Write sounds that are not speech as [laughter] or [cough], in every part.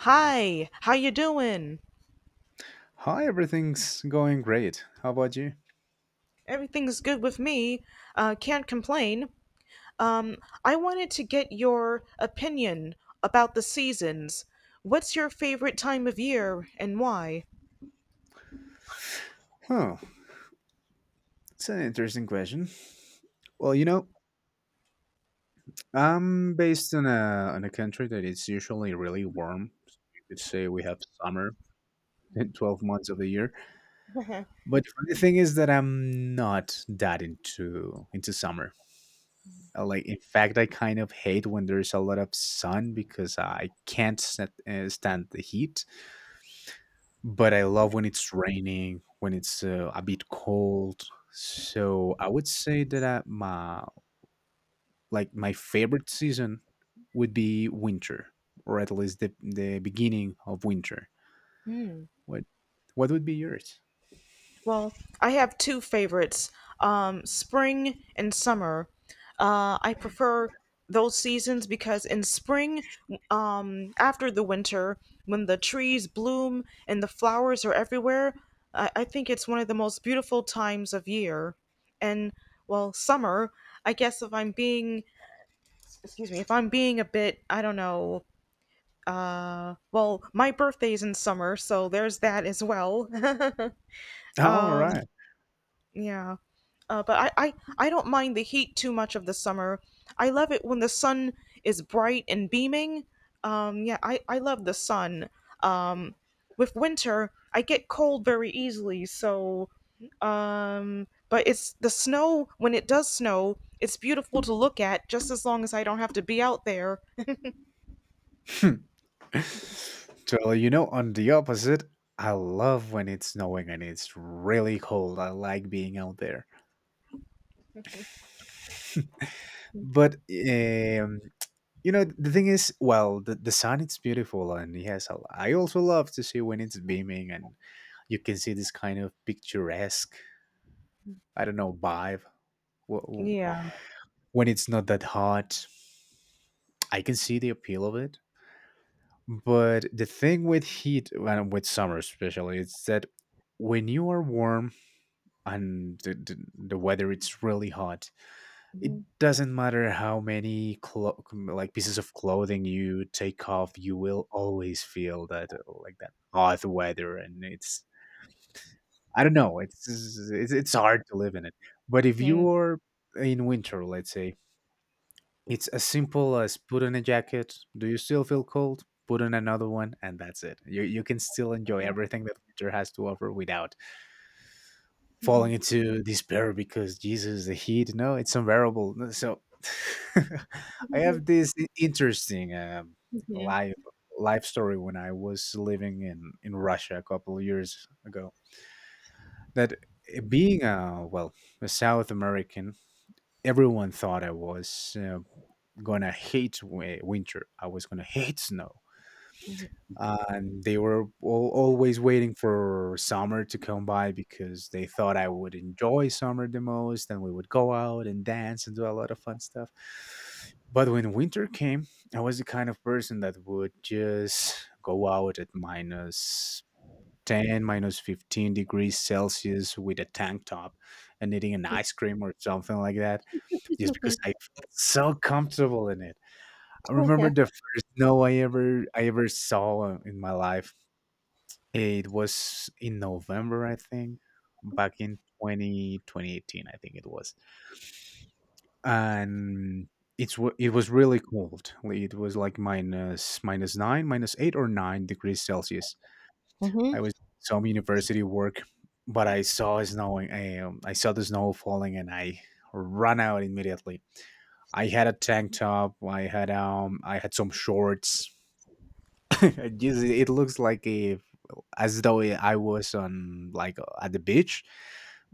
Hi, how you doing? Hi, everything's going great. How about you? Everything's good with me. Can't complain. Um, I wanted to get your opinion about the seasons. What's your favorite time of year and why? Oh, it's an interesting question. Well, I'm based in a country that it's usually really warm. You could say we have summer [laughs] in 12 months of the year. [laughs] But the funny thing is that I'm not that into summer. Like, in fact, I kind of hate when there's a lot of sun because I can't stand the heat. But I love when it's raining, when it's, a bit cold. So I would say that, my favorite season would be winter, or at least the beginning of winter. What what would be yours? Well, I have two favorites, spring and summer. I prefer those seasons because in spring, after the winter, when the trees bloom and the flowers are everywhere, I think it's one of the most beautiful times of year. And well, summer, I guess if I'm being, excuse me, if I'm being a bit, I don't know, well, my birthday's in summer, so there's that as well. [laughs] All um, right. Yeah. But I don't mind the heat too much of the summer. I love it when the sun is bright and beaming. Yeah, I love the sun. Um, with winter, I get cold very easily. So, but it's the snow, when it does snow, it's beautiful to look at just as long as I don't have to be out there. [laughs] So, on the opposite, I love when it's snowing and it's really cold. I like being out there. [laughs] [laughs] But, um, you know the thing is, well, the sun it's beautiful, and yes, I also love to see when it's beaming and you can see this kind of picturesque, I don't know, vibe. w- w- Yeah. when it's not that hot, I can see the appeal of it. But the thing with heat and with summer especially, it's that when you are warm and the weather it's really hot, it Hmm. doesn't matter how many like pieces of clothing you take off, you will always feel that like that hot weather. And it's, I don't know, it's hard to live in it. But if Hmm. you're in winter, let's say, it's as simple as put on a jacket. Do you still feel cold? Put on another one and that's it. You can still enjoy everything that winter has to offer without falling into despair because Jesus, the heat, no, it's unbearable. No. So, [laughs] I have this interesting, Hmm. life life story when I was living in Russia a couple of years ago. That, being a well a South American, everyone thought I was gonna hate winter. I was gonna hate snow. And they were al always waiting for summer to come by because they thought I would enjoy summer the most, and we would go out and dance and do a lot of fun stuff. But when winter came, I was the kind of person that would just go out at minus 10, minus 15 degrees Celsius with a tank top and eating an ice cream or something like that, just because I felt so comfortable in it. I remember the first snow I ever saw in my life. It was in November, I think, back in 20 2018, I think it was. And it was really cold. It was like minus 9, minus 8 or 9 degrees Celsius. Hmm. I was some university work, but I saw snowing. I saw the snow falling, and I ran out immediately. I had a tank top. I had some shorts. [laughs] It looks like a as though I was on, like, at the beach,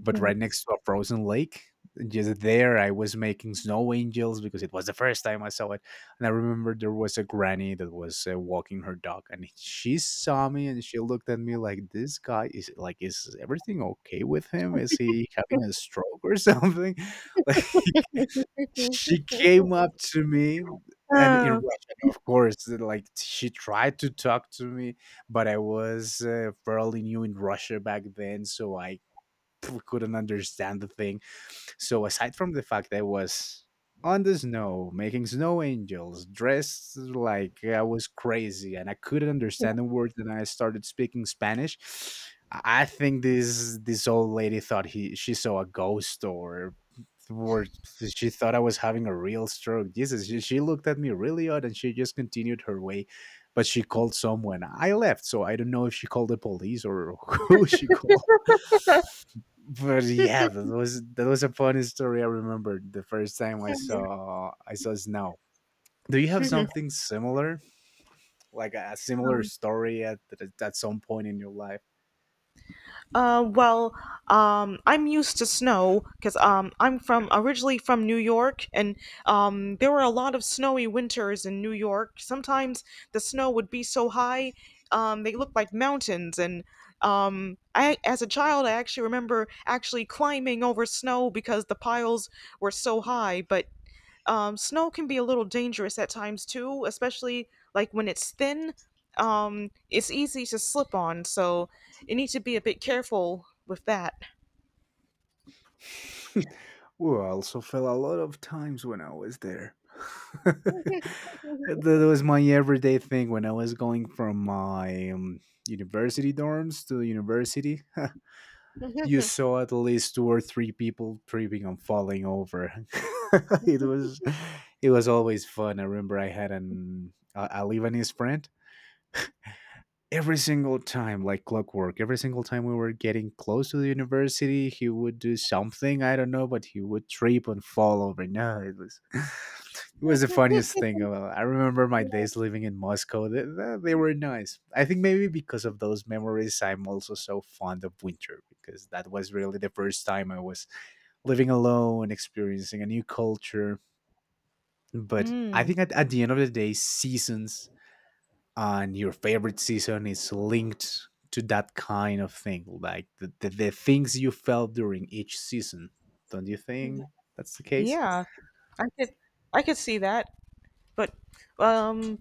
but right next to a frozen lake. Just there I was making snow angels because it was the first time I saw it. And I remember there was a granny that was walking her dog, and she saw me and she looked at me like, this guy is, like, is everything okay with him, is he having a stroke or something? [laughs] Like, she came up to me and in Russian, of course, like, she tried to talk to me, but I was fairly new in Russia back then, so I [laughs] couldn't understand the thing. So aside from the fact I was on the snow, making snow angels, dressed like I was crazy, and I couldn't understand a word, and I started speaking Spanish. I think this old lady thought he she saw a ghost, or she thought I was having a real stroke. Jesus, she looked at me really odd and she just continued her way. But she called someone. I left, so I don't know if she called the police or [laughs] who she called, but yeah, that was a funny story. I remember the first time I saw snow. Do you have Oh. something similar, like a similar [laughs] story at some point in your life? Well, I'm used to snow because I'm from originally from New York, and there were a lot of snowy winters in New York. Sometimes the snow would be so high, they looked like mountains. And I, as a child, I actually remember actually climbing over snow because the piles were so high. But snow can be a little dangerous at times too, especially like when it's thin. It's easy to slip on, so you need to be a bit careful with that. [laughs] Well, I also fell a lot of times when I was there. [laughs] That was my everyday thing when I was going from my university dorms to university. [laughs] You saw at least two or three people tripping and falling over. [laughs] it was it was always fun. I remember I had a Lebanese friend. Every single time, like clockwork, every single time we were getting close to the university, he would do something, I don't know, but he would trip and fall over. No, it was [laughs] it was the funniest thing. I remember my days living in Moscow. They were nice. I think maybe because of those memories I'm also so fond of winter because that was really the first time I was living alone, experiencing a new culture. But I Hmm. think at the end of the day, seasons and your favorite season is linked to that kind of thing, like the things you felt during each season. Don't you think that's the case? Yeah, I could, I could see that, but um,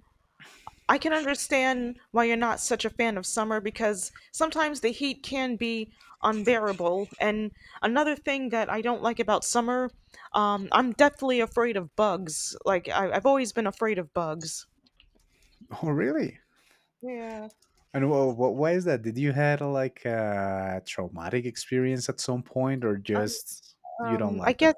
I can understand why you're not such a fan of summer because sometimes the heat can be unbearable. And another thing that I don't like about summer, I'm deathly afraid of bugs. Like I've always been afraid of bugs. Oh, really? Yeah. And well, why is that? Did you had like a traumatic experience at some point, or just you don't I like them? guess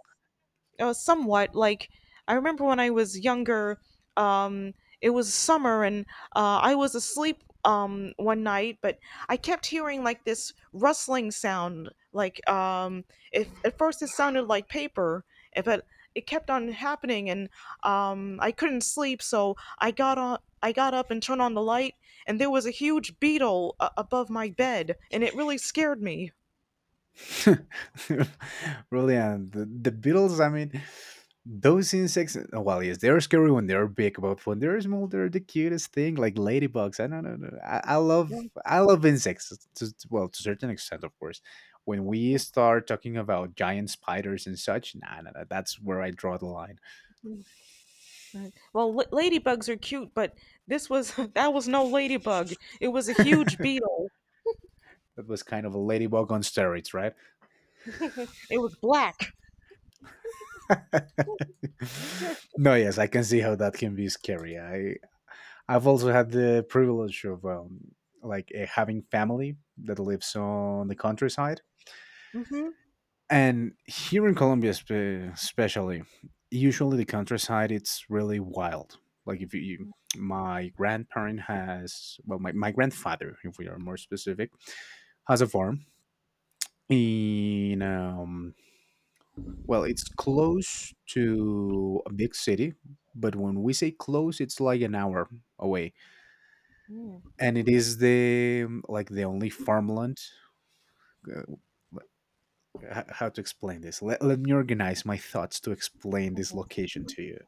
somewhat. Like I remember when I was younger, um it was summer, and I was asleep, one night, but I kept hearing like this rustling sound, like, if at first it sounded like paper, but it kept on happening, and I couldn't sleep. So I got up and turned on the light, and there was a huge beetle, above my bed, and it really scared me. [laughs] Really, and the Beatles. I mean, those insects, oh, well, yes, they're scary when they're big, but when they're small, they're the cutest thing, like ladybugs. I don't know. I, I love, Well, I love insects. Well, to a certain extent, of course. When we [laughs] start talking about giant spiders and such, nah, nah, nah, that's where I draw the line. Well, ladybugs are cute, but this was [laughs] that was no ladybug. It was a [laughs] huge That beetle. was kind of a ladybug on steroids, right? It was black. [laughs] [laughs] No, yes, I can see how that can be scary. I've also had the privilege of, like, having family that lives on the countryside, Hmm. and here in Colombia, especially, usually the countryside it's really wild. Like if you my grandparent has, well, my grandfather, if we are more specific, has a farm in, well, it's close to a big city, but when we say close, it's like an hour away, and it is the only farmland. uh, how to explain this. Let me organize my thoughts to explain this location to you.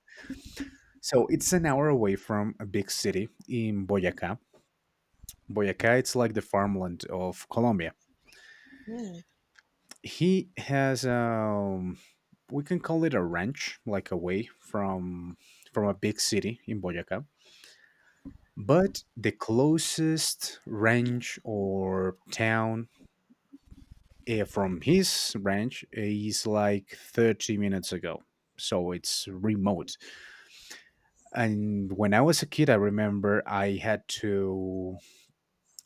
So it's an hour away from a big city in Boyacá. Boyacá, it's like the farmland of Colombia. He has, we can call it a ranch, like away from a big city in Boyacá. But the closest ranch or town, from his ranch is like 30 minutes ago. So it's remote. And when I was a kid, I remember I had to,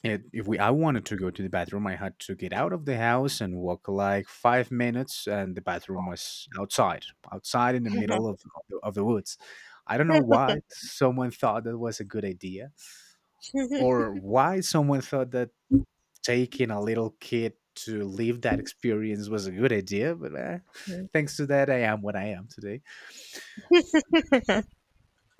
it- if we, I wanted to go to the bathroom, I had to get out of the house and walk like 5 minutes, and the bathroom was outside, in the middle of the woods. I don't know why someone thought that was a good idea, or why someone thought that taking a little kid to live that experience was a good idea. But thanks to that, I am what I am today.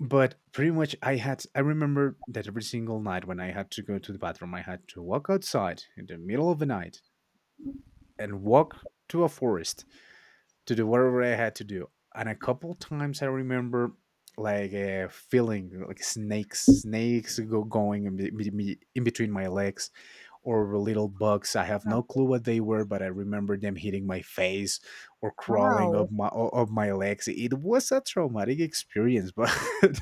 But pretty much, I remember that every single night when I had to go to the bathroom, I had to walk outside in the middle of the night and walk to a forest to do whatever I had to do. And a couple times I remember, like, feeling like snakes go going in, in between my legs, or little bugs. I have no clue what they were, but I remember them hitting my face or crawling up Wow. [laughs] my legs. It was a traumatic experience, but [laughs]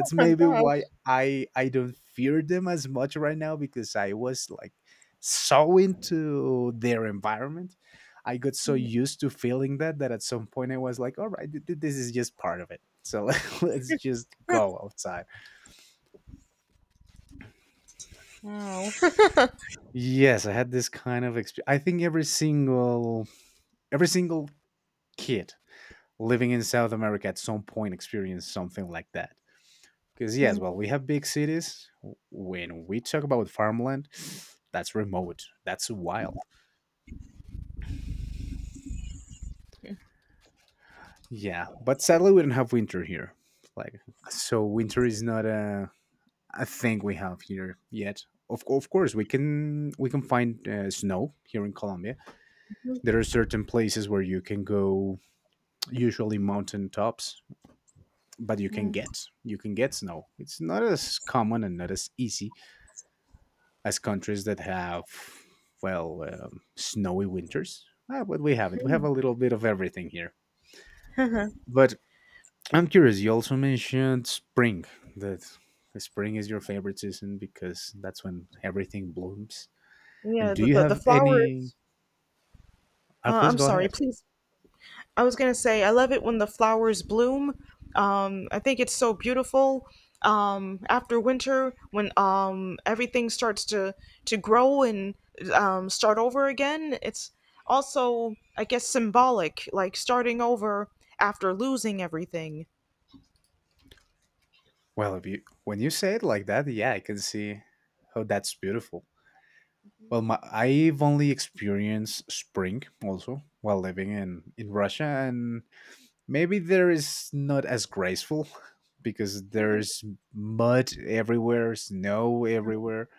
Oh, maybe why gosh. I don't fear them as much right now, because I was like so into their environment, I got so used to feeling that that at some point I was like, all right, this is just part of it. So [laughs] let's just go outside. Wow. [laughs] Yes, I had this kind of experience. I think every single kid living in South America at some point experienced something like that. Because yes, well, we have big cities. When we talk about farmland, that's remote. That's wild. Yeah, but sadly we don't have winter here. Like, so, winter is not a, I think, we have here yet. Of course, we can find snow here in Colombia. There are certain places where you can go, usually mountain tops, but you can get snow. It's not as common and not as easy as countries that have snowy winters. Ah, but we have it. We have a little bit of everything here. But I'm curious. You also mentioned spring. That spring is your favorite season because that's when everything blooms. And Yeah, do the, you the, the have any? flowers. Uh, please I'm go sorry, ahead. please, I was gonna say, I love it when the flowers bloom. I think it's so beautiful. After winter, when everything starts to grow and start over again, it's also I guess symbolic, like starting over after losing everything. Well, if you when you say it like that, yeah, I can see how that's beautiful. Well, I've only experienced spring also while living in Russia, and maybe there is not as graceful [laughs] because there's mud everywhere, snow everywhere.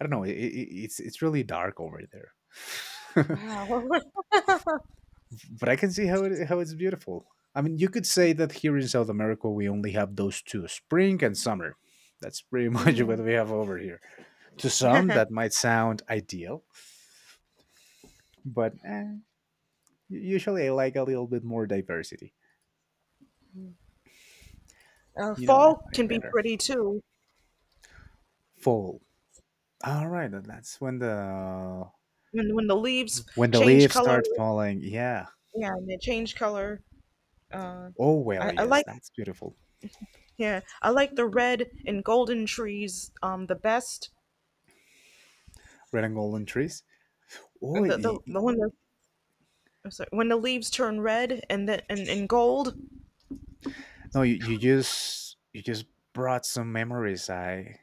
I don't know. It's really dark over there. [laughs] But I can see how it's beautiful. I mean, you could say that here in South America we only have those two, spring and summer. That's pretty [laughs] much what we have over here. To some, that might sound ideal, but usually I like a little bit more diversity. Uh, You know, I fall find it can be better. pretty too, Fall. All right, and that's when the when the leaves when the change leaves color. start falling. Yeah. Yeah, and they change color. Oh well, I yes, like, that's beautiful. yeah, I like the red and golden trees the best. Red and golden trees. Oh And the, the y- y- the one, I'm sorry, when the leaves turn red and then and gold. no, you, you just brought some memories. I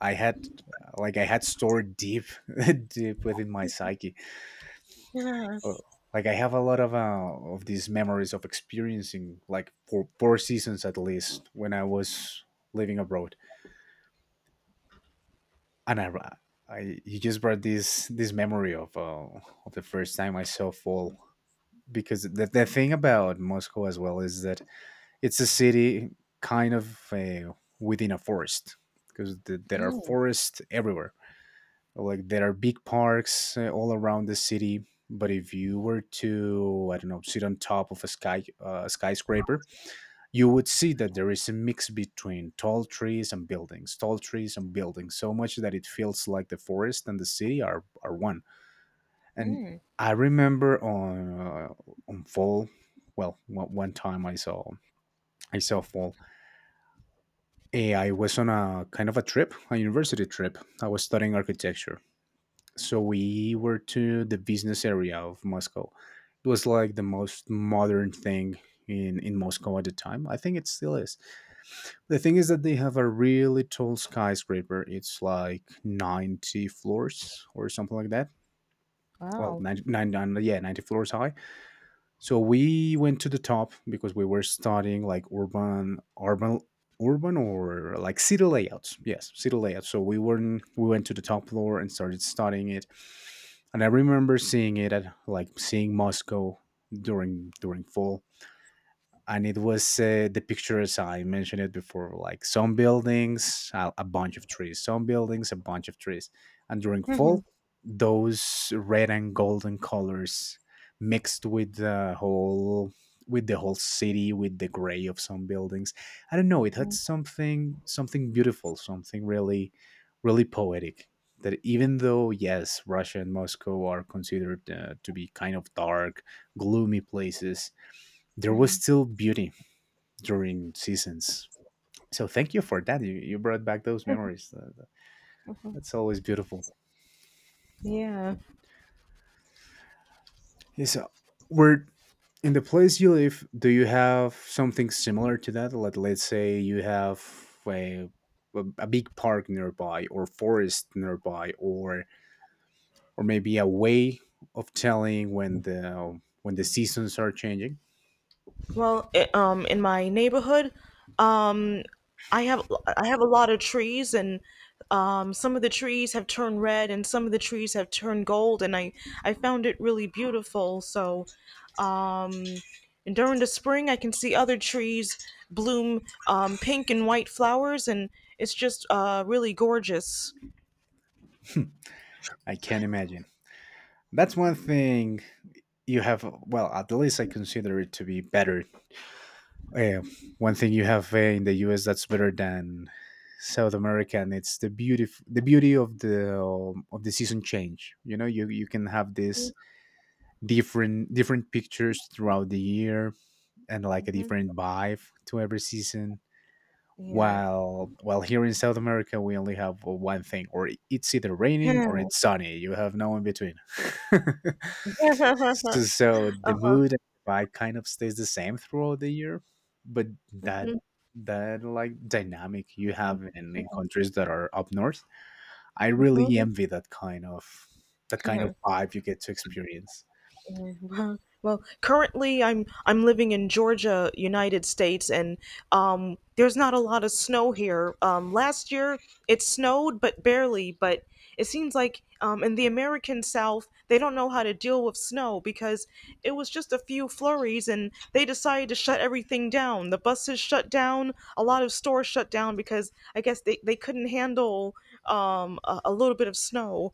I had like I had stored deep [laughs] deep within my psyche. Uh, Yes. Like I have a lot of these memories of experiencing like four seasons at least when I was living abroad, and I you just brought this memory of the first time I saw fall because the thing about Moscow as well is that it's a city kind of uh, within a forest because there are forests everywhere. Like there are big parks all around the city, but if you were to, I don't know, sit on top of a skyscraper, you would see that there is a mix between tall trees and buildings, tall trees and buildings, so much that it feels like the forest and the city are one. And Mm. I remember on fall, well, one time I saw fall. I was on a kind of a trip, a university trip. I was studying architecture so we were to the business area of Moscow. It was like the most modern thing in Moscow at the time. I think it still is. The thing is that they have a really tall skyscraper. It's like 90 floors or something like that. Well, Wow. 90, yeah, 90 floors high so we went to the top because we were studying like urban or like city layouts. Yes, city layouts. So we went to the top floor and started studying it. And I remember seeing it at like seeing Moscow during fall and it was the pictures I mentioned it before, like some buildings, a bunch of trees, some buildings, a bunch of trees, and during fall, [laughs] those red and golden colors mixed with the whole city, with the gray of some buildings. I don't know. It had something beautiful, something really, really poetic. That even though yes, Russia and Moscow are considered to be kind of dark, gloomy places, there was still beauty during seasons. So thank you for that. You brought back those memories. That's always beautiful. Yeah. Yeah. So, we're in the place you live, do you have something similar to that? Let let's say you have a big park nearby, or forest nearby, or maybe a way of telling when the seasons are changing. Well, I in my neighborhood, um, I have I have a lot of trees, and some of the trees have turned red, and some of the trees have turned gold, and I found it really beautiful. So, um, and during the spring, I can see other trees bloom pink and white flowers, and it's just really gorgeous. I can't imagine. That's one thing you have. Well, at least I consider it to be better. Uh, One thing you have in the U.S. that's better than South America, and it's the beauty of the season change. You know, you can have this different different pictures throughout the year and like a different vibe to every season Yeah. while here in South America we only have one thing, or it's either raining or it's [laughs] sunny. You have no in between. [laughs] So, the Uh-huh. mood and the vibe kind of stays the same throughout the year, but that Mhm. that like dynamic you have in countries that are up north, I Mhm. really envy that kind of [laughs] vibe you get to experience. Mm. Well, currently I'm living in Georgia, United States, and there's not a lot of snow here. Last year it snowed, but barely. But it seems like in the American South they don't know how to deal with snow because it was just a few flurries, and they decided to shut everything down. The buses shut down, a lot of stores shut down because I guess they couldn't handle a little bit of snow.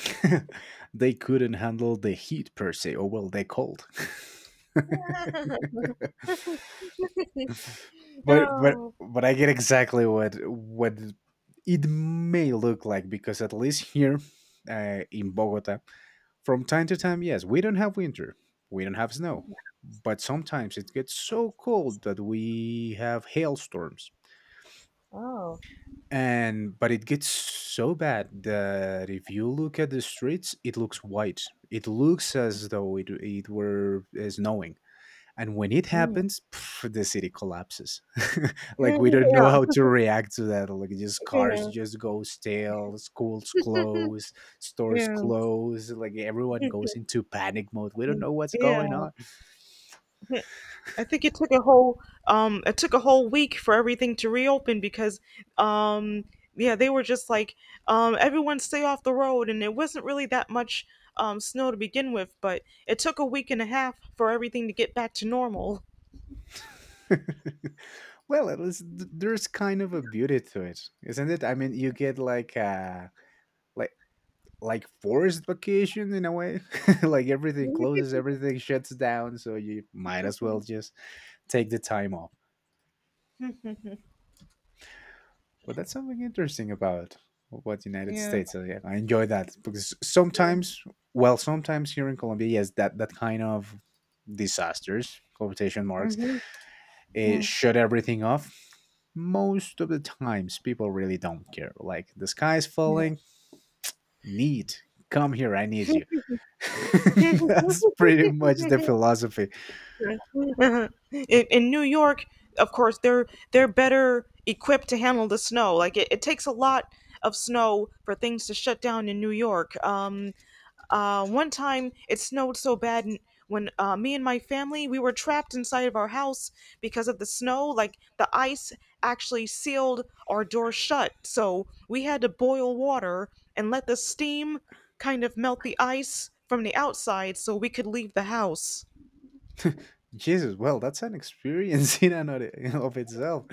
[laughs] They couldn't handle the heat per se, or well, they cold. [laughs] But I get exactly what it may look like because at least here in Bogota, from time to time, yes, we don't have winter, we don't have snow, but sometimes it gets so cold that we have hailstorms. And but it gets so bad that if you look at the streets, it looks white. It looks as though it were snowing and when it Mm. happens, pff, the city collapses. [laughs] [laughs] Like we don't know how Yeah, to react to that. Like just cars just go stale, schools close, stores yeah, close. Like everyone yeah. goes into panic mode. We don't Mm. know what's going Yeah. on. Mhm. I think it took a whole week for everything to reopen because um yeah, they were just like, everyone stay off the road, and it wasn't really that much snow to begin with, but it took a week and a half for everything to get back to normal. [laughs] Well, at least there's kind of a beauty to it, isn't it? I mean, you get like like forced vacation in a way. [laughs] Like everything closes, everything shuts down, so you might as well just take the time off. [laughs] But that's something interesting about what Yeah. United Yeah. States. So, yeah, I enjoy that because sometimes, well, sometimes here in Colombia, yes, that kind of disasters quotation marks Mhm. it shut everything off. Most of the times, people really don't care. Like the sky's falling, neat. Come here, I need you. Yeah. [laughs] That's pretty much the [laughs] philosophy. Mhm. In New York, of course, they're better equipped to handle the snow. Like it takes a lot of snow for things to shut down in New York. One time it snowed so bad, when me and my family we were trapped inside of our house because of the snow. Like the ice actually sealed our door shut, so we had to boil water and let the steam kind of melt the ice from the outside so we could leave the house. Jesus, well, that's an experience [laughs] in and of itself.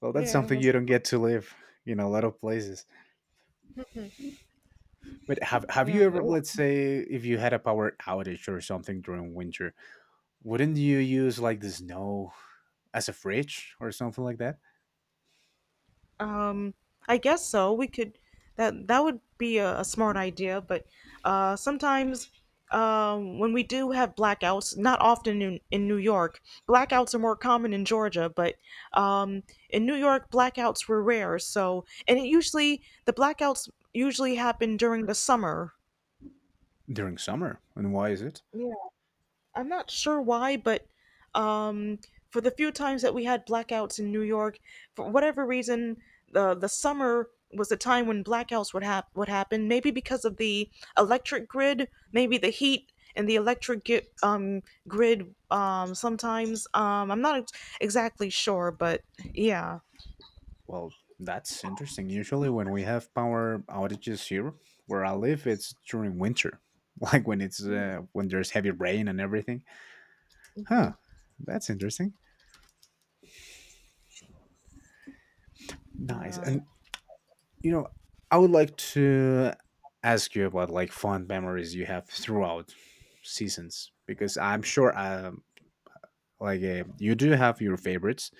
Well, that's Yeah. something you don't get to live in a lot of places. But have you Yeah. ever, Like, let's say, if you had a power outage or something during winter, wouldn't you use like the snow as a fridge or something like that Um, I guess so. We could that that would be a smart idea, but sometimes, when we do have blackouts, not often in, New York, blackouts are more common in Georgia, but um, in New York, blackouts were rare. So, and it usually the blackouts usually happen during the summer. during summer? And why is it? I'm not sure why, but um, for the few times that we had blackouts in New York, for whatever reason, the summer was the time when blackouts would happen. Maybe because of the electric grid, maybe the heat and the electric grid. Sometimes, I'm not exactly sure, but yeah. Well, that's interesting. Usually, when we have power outages here where I live, it's during winter, [laughs] like when it's Mm-hmm. When there's heavy rain and everything. Huh, that's interesting. Nice. Uh, And you know, I would like to ask you about like fond memories you have throughout seasons because I'm sure like you do have your favorites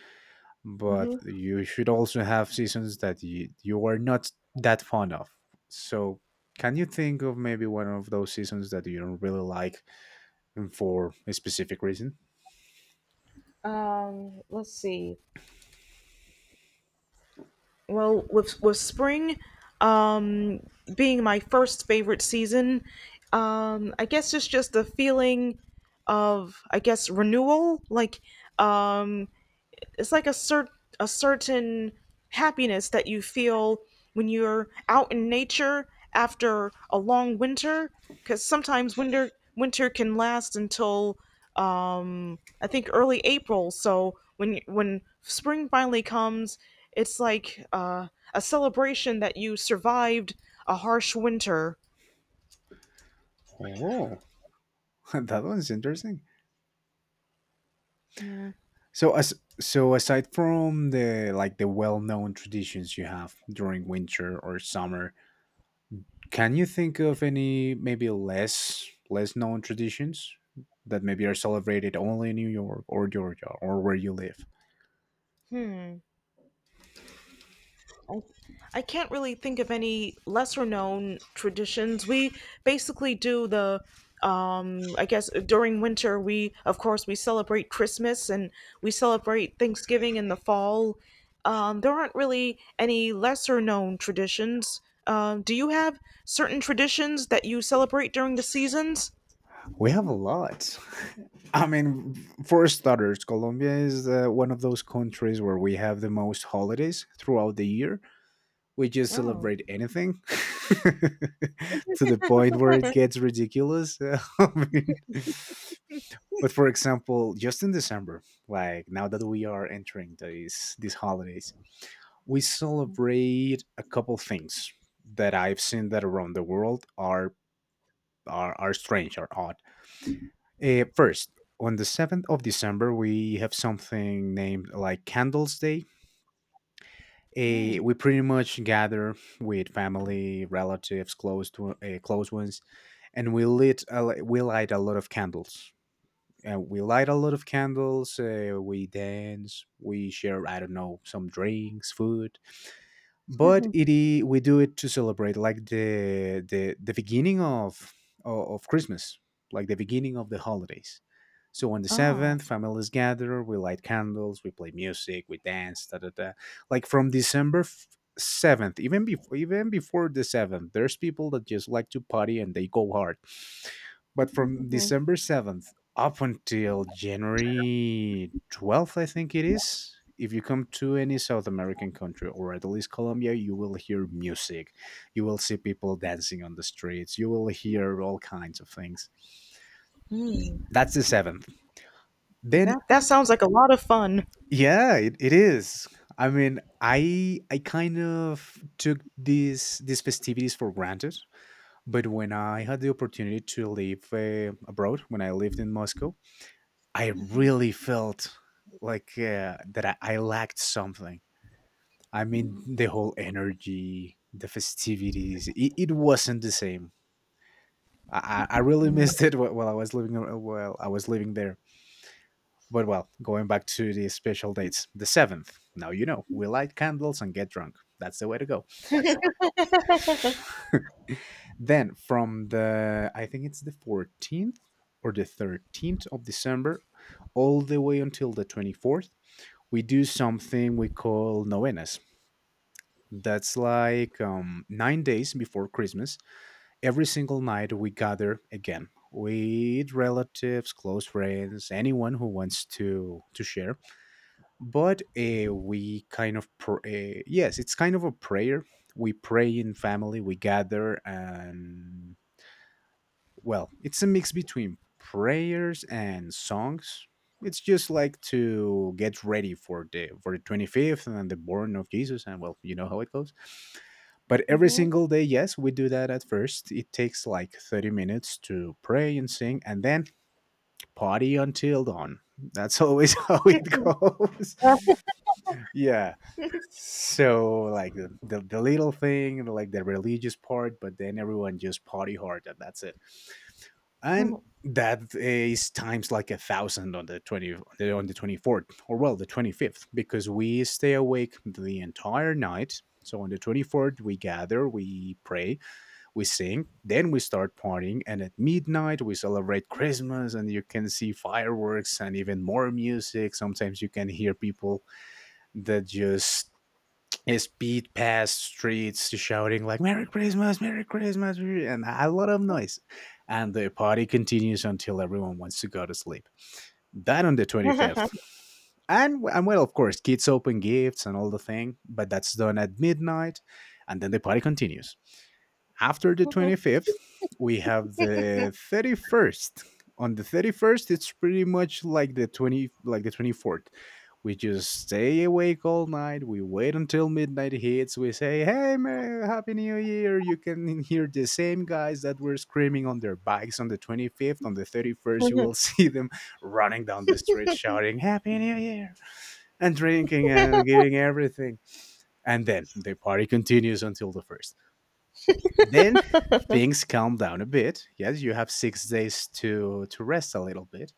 but hmm you should also have seasons that you are not that fond of, so can you think of maybe one of those seasons that you don't really like for a specific reason? Let's see. Well, with spring um, being my first favorite season, I guess it's just the feeling of, I guess, renewal. Like um, it's like a certain happiness that you feel when you're out in nature after a long winter, because sometimes winter can last until, I think, early April. So when spring finally comes, it's like a celebration that you survived a harsh winter. Oh. [laughs] That one's interesting. Yeah. So as so aside from the like the well-known traditions you have during winter or summer, can you think of any maybe less known traditions that maybe are celebrated only in New York or Georgia or where you live? I, I can't really think of any lesser known traditions. We basically do the I guess during winter, we of course we celebrate Christmas, and we celebrate Thanksgiving in the fall. There aren't really any lesser known traditions. Do you have certain traditions that you celebrate during the seasons? We have a lot. [laughs] I mean, for starters, Colombia is one of those countries where we have the most holidays throughout the year. We just Oh. celebrate anything. [laughs] To the point where it gets ridiculous. [laughs] I mean, but for example, just in December, like now that we are entering these holidays, we celebrate a couple things that I've seen that around the world are are strange are odd. First, on the 7th of December, we have something named like Candles Day. We pretty much gather with family, relatives, close to close ones, and we light a lot of candles. And we light a lot of candles. We dance. We share, I don't know, some drinks, food, but we do it to celebrate like the beginning of of Christmas, like the beginning of the holidays. So on the Oh. seventh, families gather. We light candles. We play music. We dance. Da da da. Like from seventh, even before the seventh, there's people that just like to party and they go hard. But from December 7th up until January 12th, I think it is. If you come to any South American country or at least Colombia, you will hear music. You will see people dancing on the streets. You will hear all kinds of things. That's the seventh. Then, That sounds like a lot of fun. yeah, it is. I mean, I kind of took these festivities for granted, but when I had the opportunity to live abroad, when I lived in Moscow, I really felt like that I lacked something. I mean, the whole energy, the festivities, it wasn't the same. I really [laughs] missed it while I was living there. But well, going back to the special dates, the seventh. Now you know we light candles and get drunk. That's the way to go. [laughs] Then from the I think it's the 14th or the 13th of December, all the way until the 24th we do something we call novenas. That's like 9 days before Christmas. Every single night we gather again with relatives, close friends, anyone who wants to share. But we kind of yes, it's kind of a prayer. We pray in family. We gather and, well, it's a mix between prayers and songs. It's just like to get ready for the 25th and the born of Jesus and, well, you know how it goes. But every single day, yes, we do that at first. It takes like 30 minutes to pray and sing and then party until dawn. That's always [laughs] how it goes. Yeah. So like the little thing, like the religious part, but then everyone just party hard and that's it, and that is times like a thousand on the 20, on the 24th, or, well, the 25th, because we stay awake the entire night. So on the 24th we gather, we pray, we sing, then we start partying, and at midnight we celebrate Christmas, and you can see fireworks and even more music. Sometimes you can hear people that just speed past streets shouting like, "Merry Christmas, merry Christmas!" and a lot of noise, and the party continues until everyone wants to go to sleep, that on the 25th. And, well, of course kids open gifts and all the thing, but that's done at midnight, and then the party continues. After the 25th, we have the 31st. On the 31st, it's pretty much like the 20, like the 24th. We just stay awake all night. We wait until midnight hits. We say, "Hey, happy New Year!" You can [laughs] hear the same guys that were screaming on their bikes on the 25th. On the [laughs] 31st, you uh, will [laughs] see them running down the street shouting, "Happy New Year!" and drinking and giving everything. And then the party continues until the first. Then things calm down a bit. Yes, you have 6 days to rest a little bit.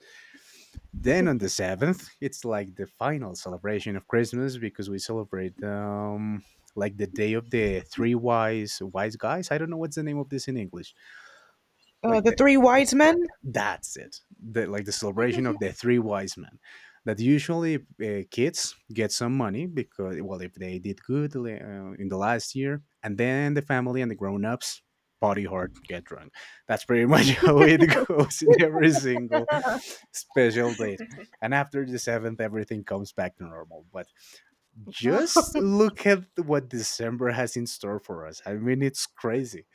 Then on the seventh, it's like the final celebration of Christmas, because we celebrate, like, the day of the three wise guys. I don't know what's the name of this in English. Like, the three wise men? that's it. Like the celebration of the three wise men. That usually, kids get some money because, well, if they did good, in the last year, and then the family and the grown ups party hard, get drunk. That's pretty [laughs] much how it goes in every single special date. And after the seventh, everything comes back to normal. But just look at what December has in store for us. I mean, it's crazy.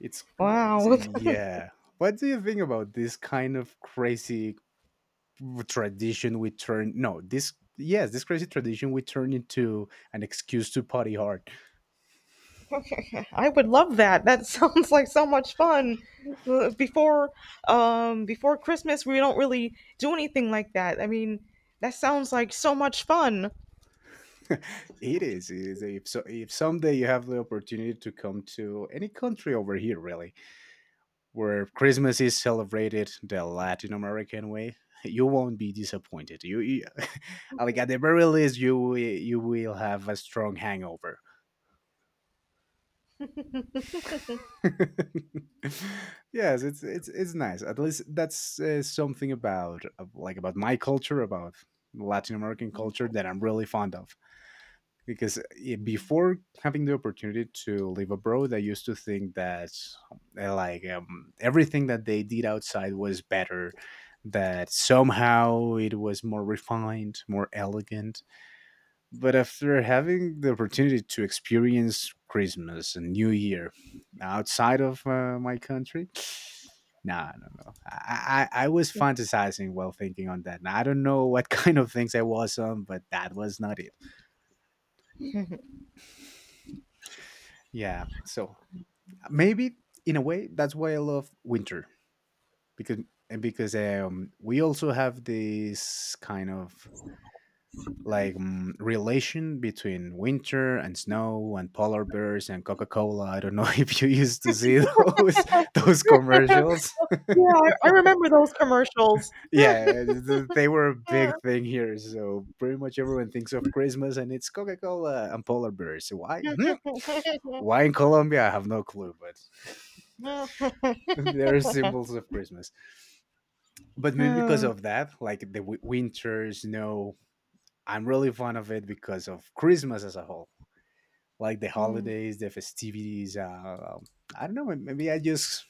It's crazy. Wow. [laughs] Yeah. What do you think about this kind of crazy tradition we turn, no, this, yes, this crazy tradition we turn into an excuse to party hard? [laughs] I would love that. That [laughs] sounds like so much fun. Uh, Before before Christmas, we don't really do anything like that. I mean, that sounds like so much fun. [laughs] It is. It is, if, so, if someday you have the opportunity to come to any country over here, really, where Christmas is celebrated the Latin American way, you won't be disappointed. You [laughs] like, at the very least you will have a strong hangover. [laughs] Yes, it's nice. At least that's, something about of- like about my culture, about Latin American culture that I'm really fond of. Because, before having the opportunity to live abroad, I used to think that, everything that they did outside was better, that somehow it was more refined, more elegant. But after having the opportunity to experience Christmas and New Year outside of, my country, nah, no, no. I was fantasizing while thinking on that. I don't know what [laughs] kind of things I was on, but that was not it. Yeah. So maybe in a way, that's why I love winter because, and because we also have this kind of, like, relation between winter and snow and polar bears and Coca-Cola. I don't know [laughs] if you used to see those [laughs] those commercials. Yeah, I remember those [laughs] commercials. Yeah, they were a Yeah. big thing here, so pretty much everyone thinks of Christmas and it's Coca-Cola and polar bears. Why? Hmm? [laughs] Why in Colombia I have no clue, but [laughs] they're symbols of Christmas. But maybe because Oh. of that, like the winter snow, I'm really fond of it because of Christmas as a whole, like the Mm. holidays, the festivities. I don't know. Maybe I just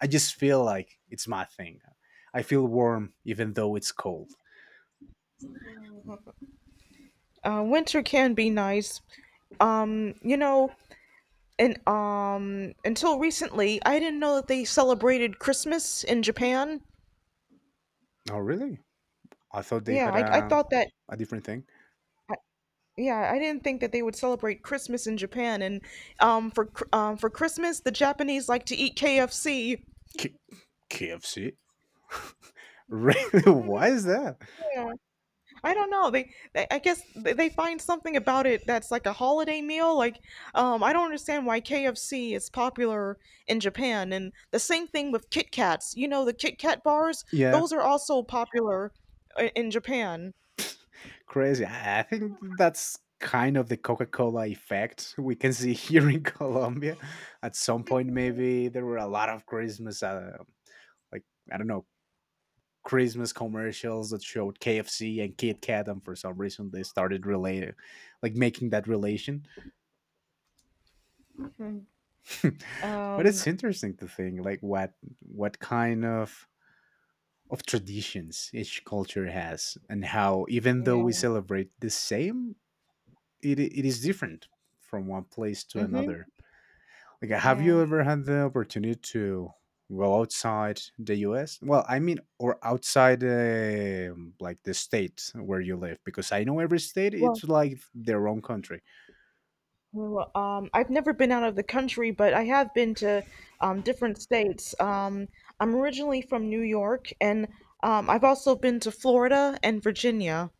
I just feel like it's my thing. I feel warm even though it's cold. Winter can be nice. Um, you know, and until recently, I didn't know that they celebrated Christmas in Japan. Oh, really? I thought they Yeah, had I a thought that. a different thing. Yeah, I didn't think that they would celebrate Christmas in Japan. And for for Christmas, the Japanese like to eat KFC. K- KFC. [laughs] Really? Why [laughs] is that? Yeah, I don't know. They, I guess they find something about it that's like a holiday meal. Like, I don't understand why KFC is popular in Japan. And the same thing with Kit Kats. You know, the Kit Kat bars, Yeah, those are also popular in Japan. crazy. I think that's kind of the Coca Cola effect we can see here in [laughs] Colombia. At some point, maybe there were a lot of Christmas, like, I don't know, Christmas commercials that showed KFC and Kit Kat, and for some reason they started relating, like making that relation. Mhm. [laughs] But it's Um, interesting to think like what kind of traditions each culture has, and how even though we yeah. celebrate the same, it is different from one place to Mm-hmm. another. Like, have you Yeah. ever had the opportunity to go outside the US? Well, I mean, or outside, like, the state where you live, because I know every state Well, it's like their own country. I've never been out of the country, but I have been to different states. I'm originally from New York, and I've also been to Florida and Virginia.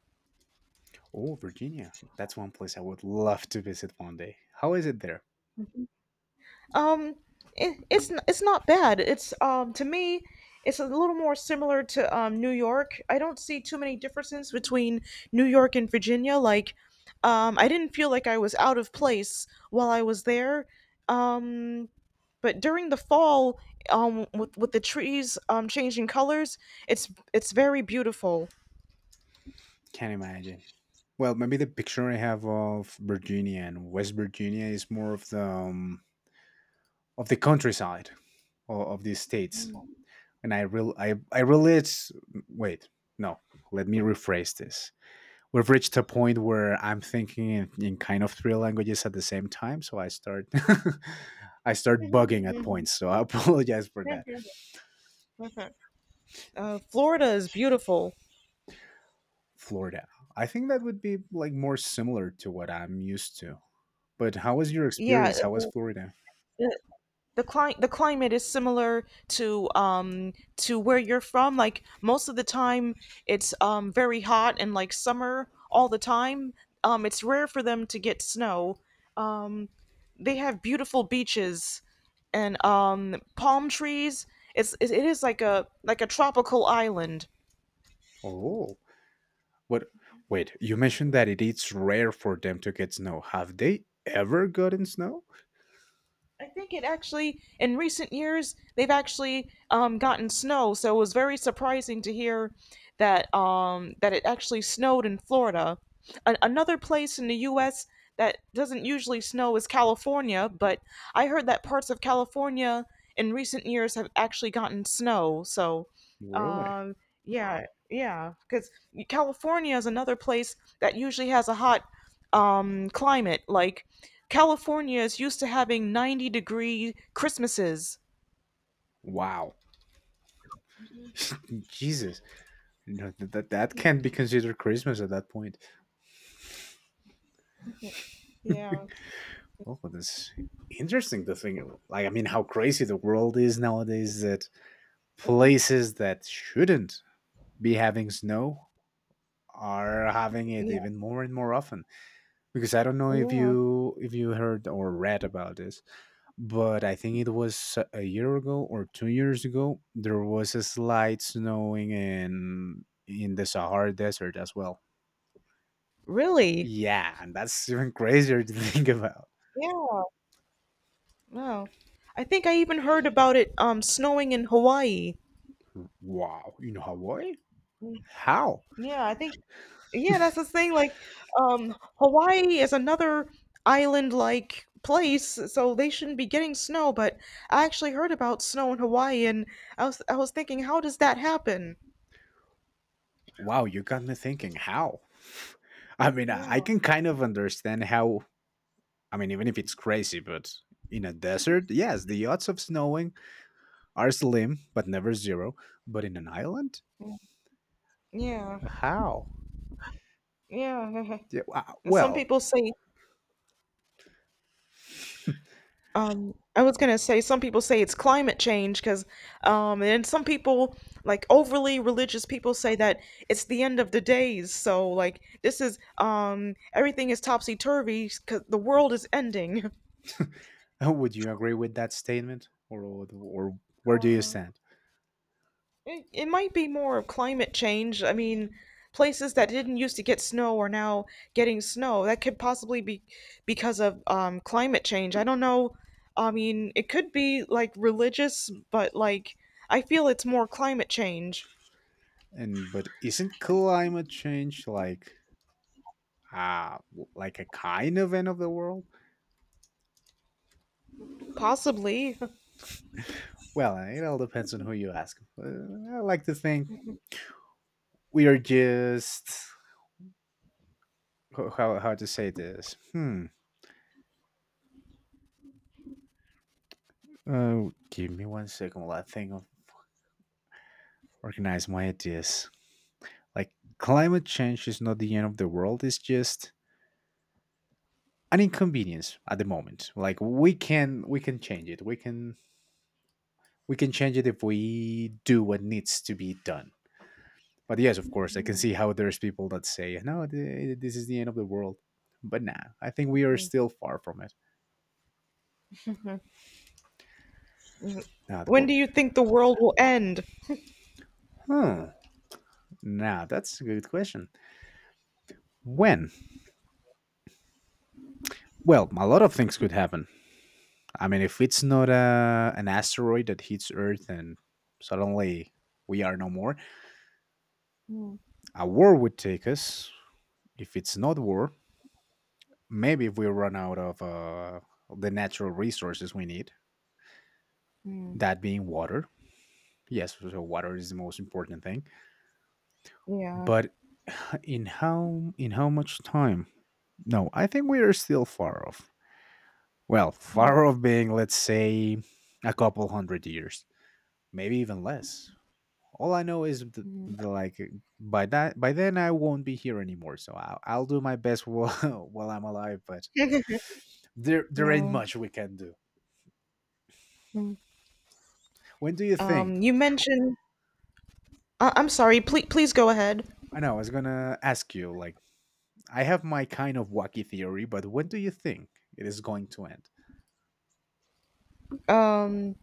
Oh, Virginia, that's one place I would love to visit one day. How is it there? Um, it's not bad. It's, to me, it's a little more similar to New York. I don't see too many differences between New York and Virginia. Like, I didn't feel like I was out of place while I was there. Um, but during the fall, with the trees changing colors, it's very beautiful. Can't imagine. Well, maybe the picture I have of Virginia and West Virginia is more of the countryside of these states, and I real I relate. Wait, no, let me rephrase this. We've reached a point where I'm thinking in kind of three languages at the same time. So I start [laughs] I start bugging at [laughs] points. So I [laughs] apologize for that. Florida is beautiful. Florida. I think that would be like more similar to what I'm used to. But how was your Yeah, experience? How was Florida? uh, the the climate is similar to, to where you're from. Like, most of the time it's very hot and like summer all the time. It's rare for them to get snow. um they have beautiful beaches and palm trees. It is like a tropical island. Oh, what? Wait, you mentioned that it is rare for them to get snow. Have they ever gotten snow? I think it actually, in recent years, they've actually gotten snow. So it was very surprising to hear that, that it actually snowed in Florida. Another place in the U.S. that doesn't usually snow is California, but I heard that parts of California in recent years have actually gotten snow. So, Really? um, yeah, yeah, because California is another place that usually has a hot, climate, like California is used to having 90-degree Christmases. Wow. [laughs] Jesus. No, that can't be considered Christmas at that point. Yeah, Oh, that's interesting to think. Like, I mean, how crazy the world is nowadays, that places that shouldn't be having snow are having it yeah, even more and more often. Because I don't know if yeah. you if you heard or read about this, but I think it was a year ago or 2 years ago there was a slight snowing in the Sahara Desert as well. Really? Yeah, and that's even [laughs] crazier to think about. Yeah. No, I think I even heard about it snowing in Hawaii. Wow, in Hawaii? Mm, How? yeah. I think. Yeah, that's the thing. Like, Hawaii is another island-like place, so they shouldn't be getting snow. But I actually heard about snow in Hawaii, and I was thinking, how does that happen? Wow, you got me thinking. How? [laughs] I mean, I Yeah, can kind of understand how. I mean, even if it's crazy, but in a desert, yes, the odds of snowing are slim, but never zero. But in an island, yeah, how? yeah. Yeah, wa- [laughs] And some Well, people say, I was gonna say, some people say it's climate change because, and some people, like overly religious people, say that it's the end of the days. So like this is, everything is topsy turvy because the world is ending. [laughs] would you agree with that statement, or where do you [laughs] stand? It might be more of climate change. I mean, places that didn't used to get snow are now getting snow. That could possibly be because of, climate change. I don't know. I mean, it could be like religious, but like, I feel it's more climate change. And but isn't climate change like, like a kind of end of the world? Possibly. Well, it all depends on who you ask. I like to think we are just. How to say this? Hmm. Oh, give me one second while I think of organize my ideas. Like, climate change is not the end of the world. It's just an inconvenience at the moment. Like, we can change it. We can change it if we do what needs to be done. But yes, of course, I can see how there's people that say, "No, this is the end of the world." But nah, I think we are still far from it. Nah, the When world. do you think the world will end? Hmm. Nah, that's a good question. When? Well, a lot of things could happen. I mean, if it's not an asteroid that hits Earth and suddenly we are no more, a war would take us. If it's not war, maybe if we run out of, the natural resources we need, that being water. Yes, so water is the most important thing. Yeah. But [sighs] in how much time? No, I think we are still far off. Well, far off being, let's say, a couple hundred years, maybe even less. All I know is the, like by then I won't be here anymore. So I'll do my best while, [laughs] while I'm alive, but [laughs] there ain't much we can do. When do you think? You mentioned. I'm sorry. Please, please go ahead. I know I was gonna ask you. Like, I have my kind of wacky theory, but when do you think it is going to end? Um,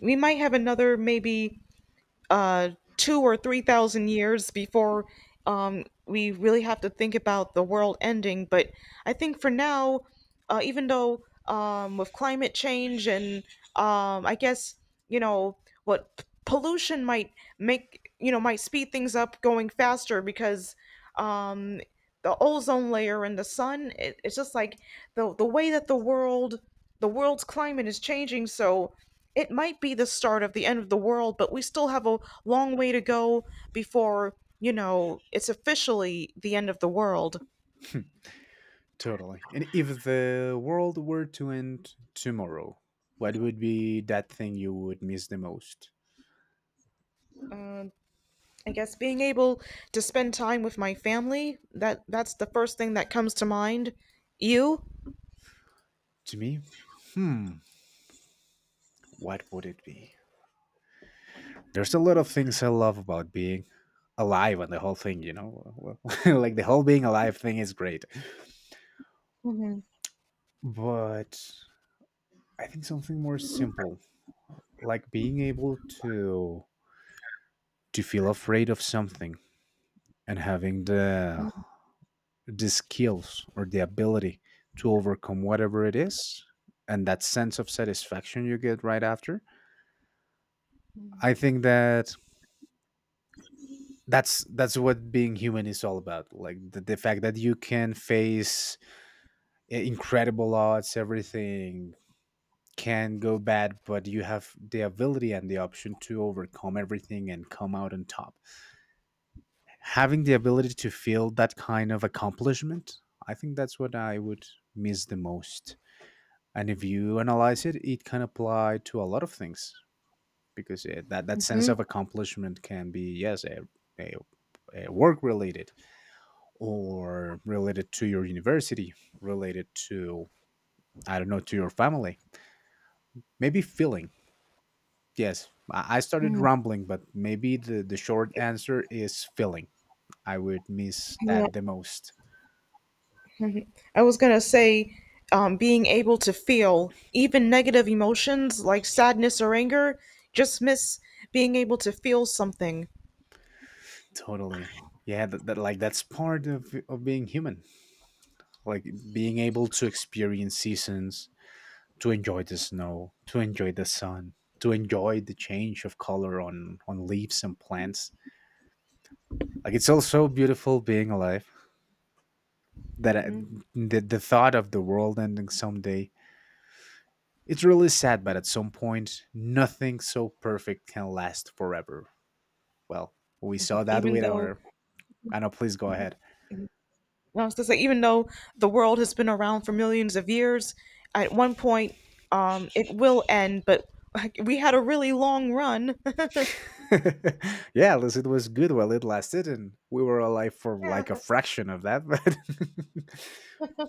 we might have another maybe, uh, two or three thousand years before, we really have to think about the world ending. But I think for now, even though, with climate change and, I guess, you know, what pollution might make, you know, might speed things up going faster, because, um, the ozone layer and the sun, it's just like the way that the world's climate is changing. So it might be the start of the end of the world, but we still have a long way to go before, it's officially the end of the world. [laughs] Totally. And if the world were to end tomorrow, what would be that thing you would miss the most? um, I guess being able to spend time with my family, that that's the first thing that comes to mind. You? To me, hmm, what would it be? There's a lot of things I love about being alive and the whole thing, you know? [laughs] Like, the whole being alive thing is great. But I think something more simple, like being able to feel afraid of something and having the skills or the ability to overcome whatever it is and that sense of satisfaction you get right after. I think that that's what being human is all about. Like the fact that you can face incredible odds, everything can go bad, but you have the ability and the option to overcome everything and come out on top. Having the ability to feel that kind of accomplishment, I think that's what I would miss the most. And if you analyze it, it can apply to a lot of things because, that sense Hmm? of accomplishment can be, yes, a, a work related, or related to your university, related to, I don't know, to your family, maybe feeling. Yes, I started rambling, but maybe the short answer is filling. I would miss Yeah. that the most. Mhm. I was gonna say, being able to feel even negative emotions, like sadness or anger, just miss being able to feel something. Totally. Yeah, that's part of being human. Like being able to experience seasons, to enjoy the snow, to enjoy the sun, to enjoy the change of color on leaves and plants. Like, it's also beautiful being alive. That I, the thought of the world ending someday, it's really sad, but at some point, nothing so perfect can last forever. Well, we saw that Even with though, our. I know, please go ahead. I was gonna say, even though the world has been around for millions of years, at one point, it will end. But like, we had a really long run. [laughs] Yeah, at least it was good while it lasted, and we were alive for like a [laughs] fraction of that, but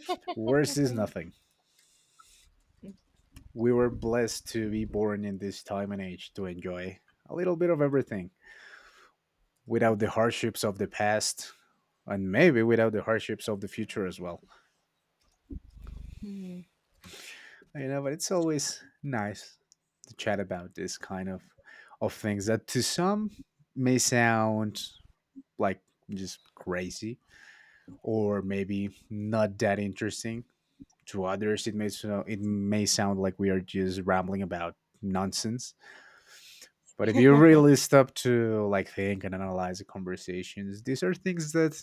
[laughs] worse is nothing. We were blessed to be born in this time and age to enjoy a little bit of everything without the hardships of the past, and maybe without the hardships of the future as well. You know, but it's always nice to chat about this kind of things, that to some may sound like just crazy or maybe not that interesting, to others it may sound like we are just rambling about nonsense. But if you really stop to like think and analyze the conversations, these are things that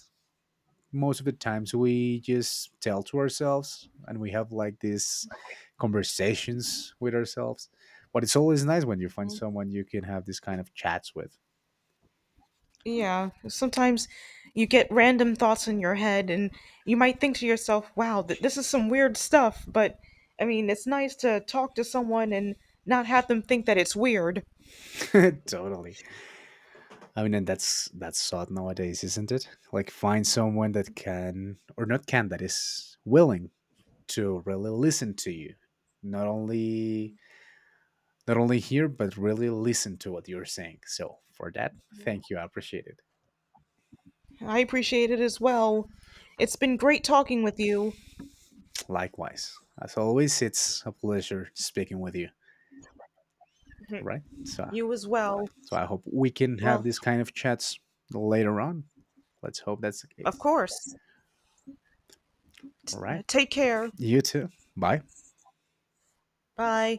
most of the times we just tell to ourselves, and we have like these conversations with ourselves, but it's always nice when you find someone you can have this kind of chats with. Yeah, sometimes you get random thoughts in your head, and you might think to yourself, wow, this is some weird stuff, but I mean, it's nice to talk to someone and not have them think that it's weird. [laughs] Totally. I mean, and that's sought nowadays, isn't it? Like, find someone that can, or not, can, that is willing to really listen to you, not only not only hear but really listen to what you're saying. So for that, thank you, I appreciate it. I appreciate it as well. It's been great talking with you. Likewise. As always, it's a pleasure speaking with you. All right? So, You as well. I hope we can have Well, this kind of chats later on. Let's hope that's the of case. course. All right. Take care. You too. Bye. Bye.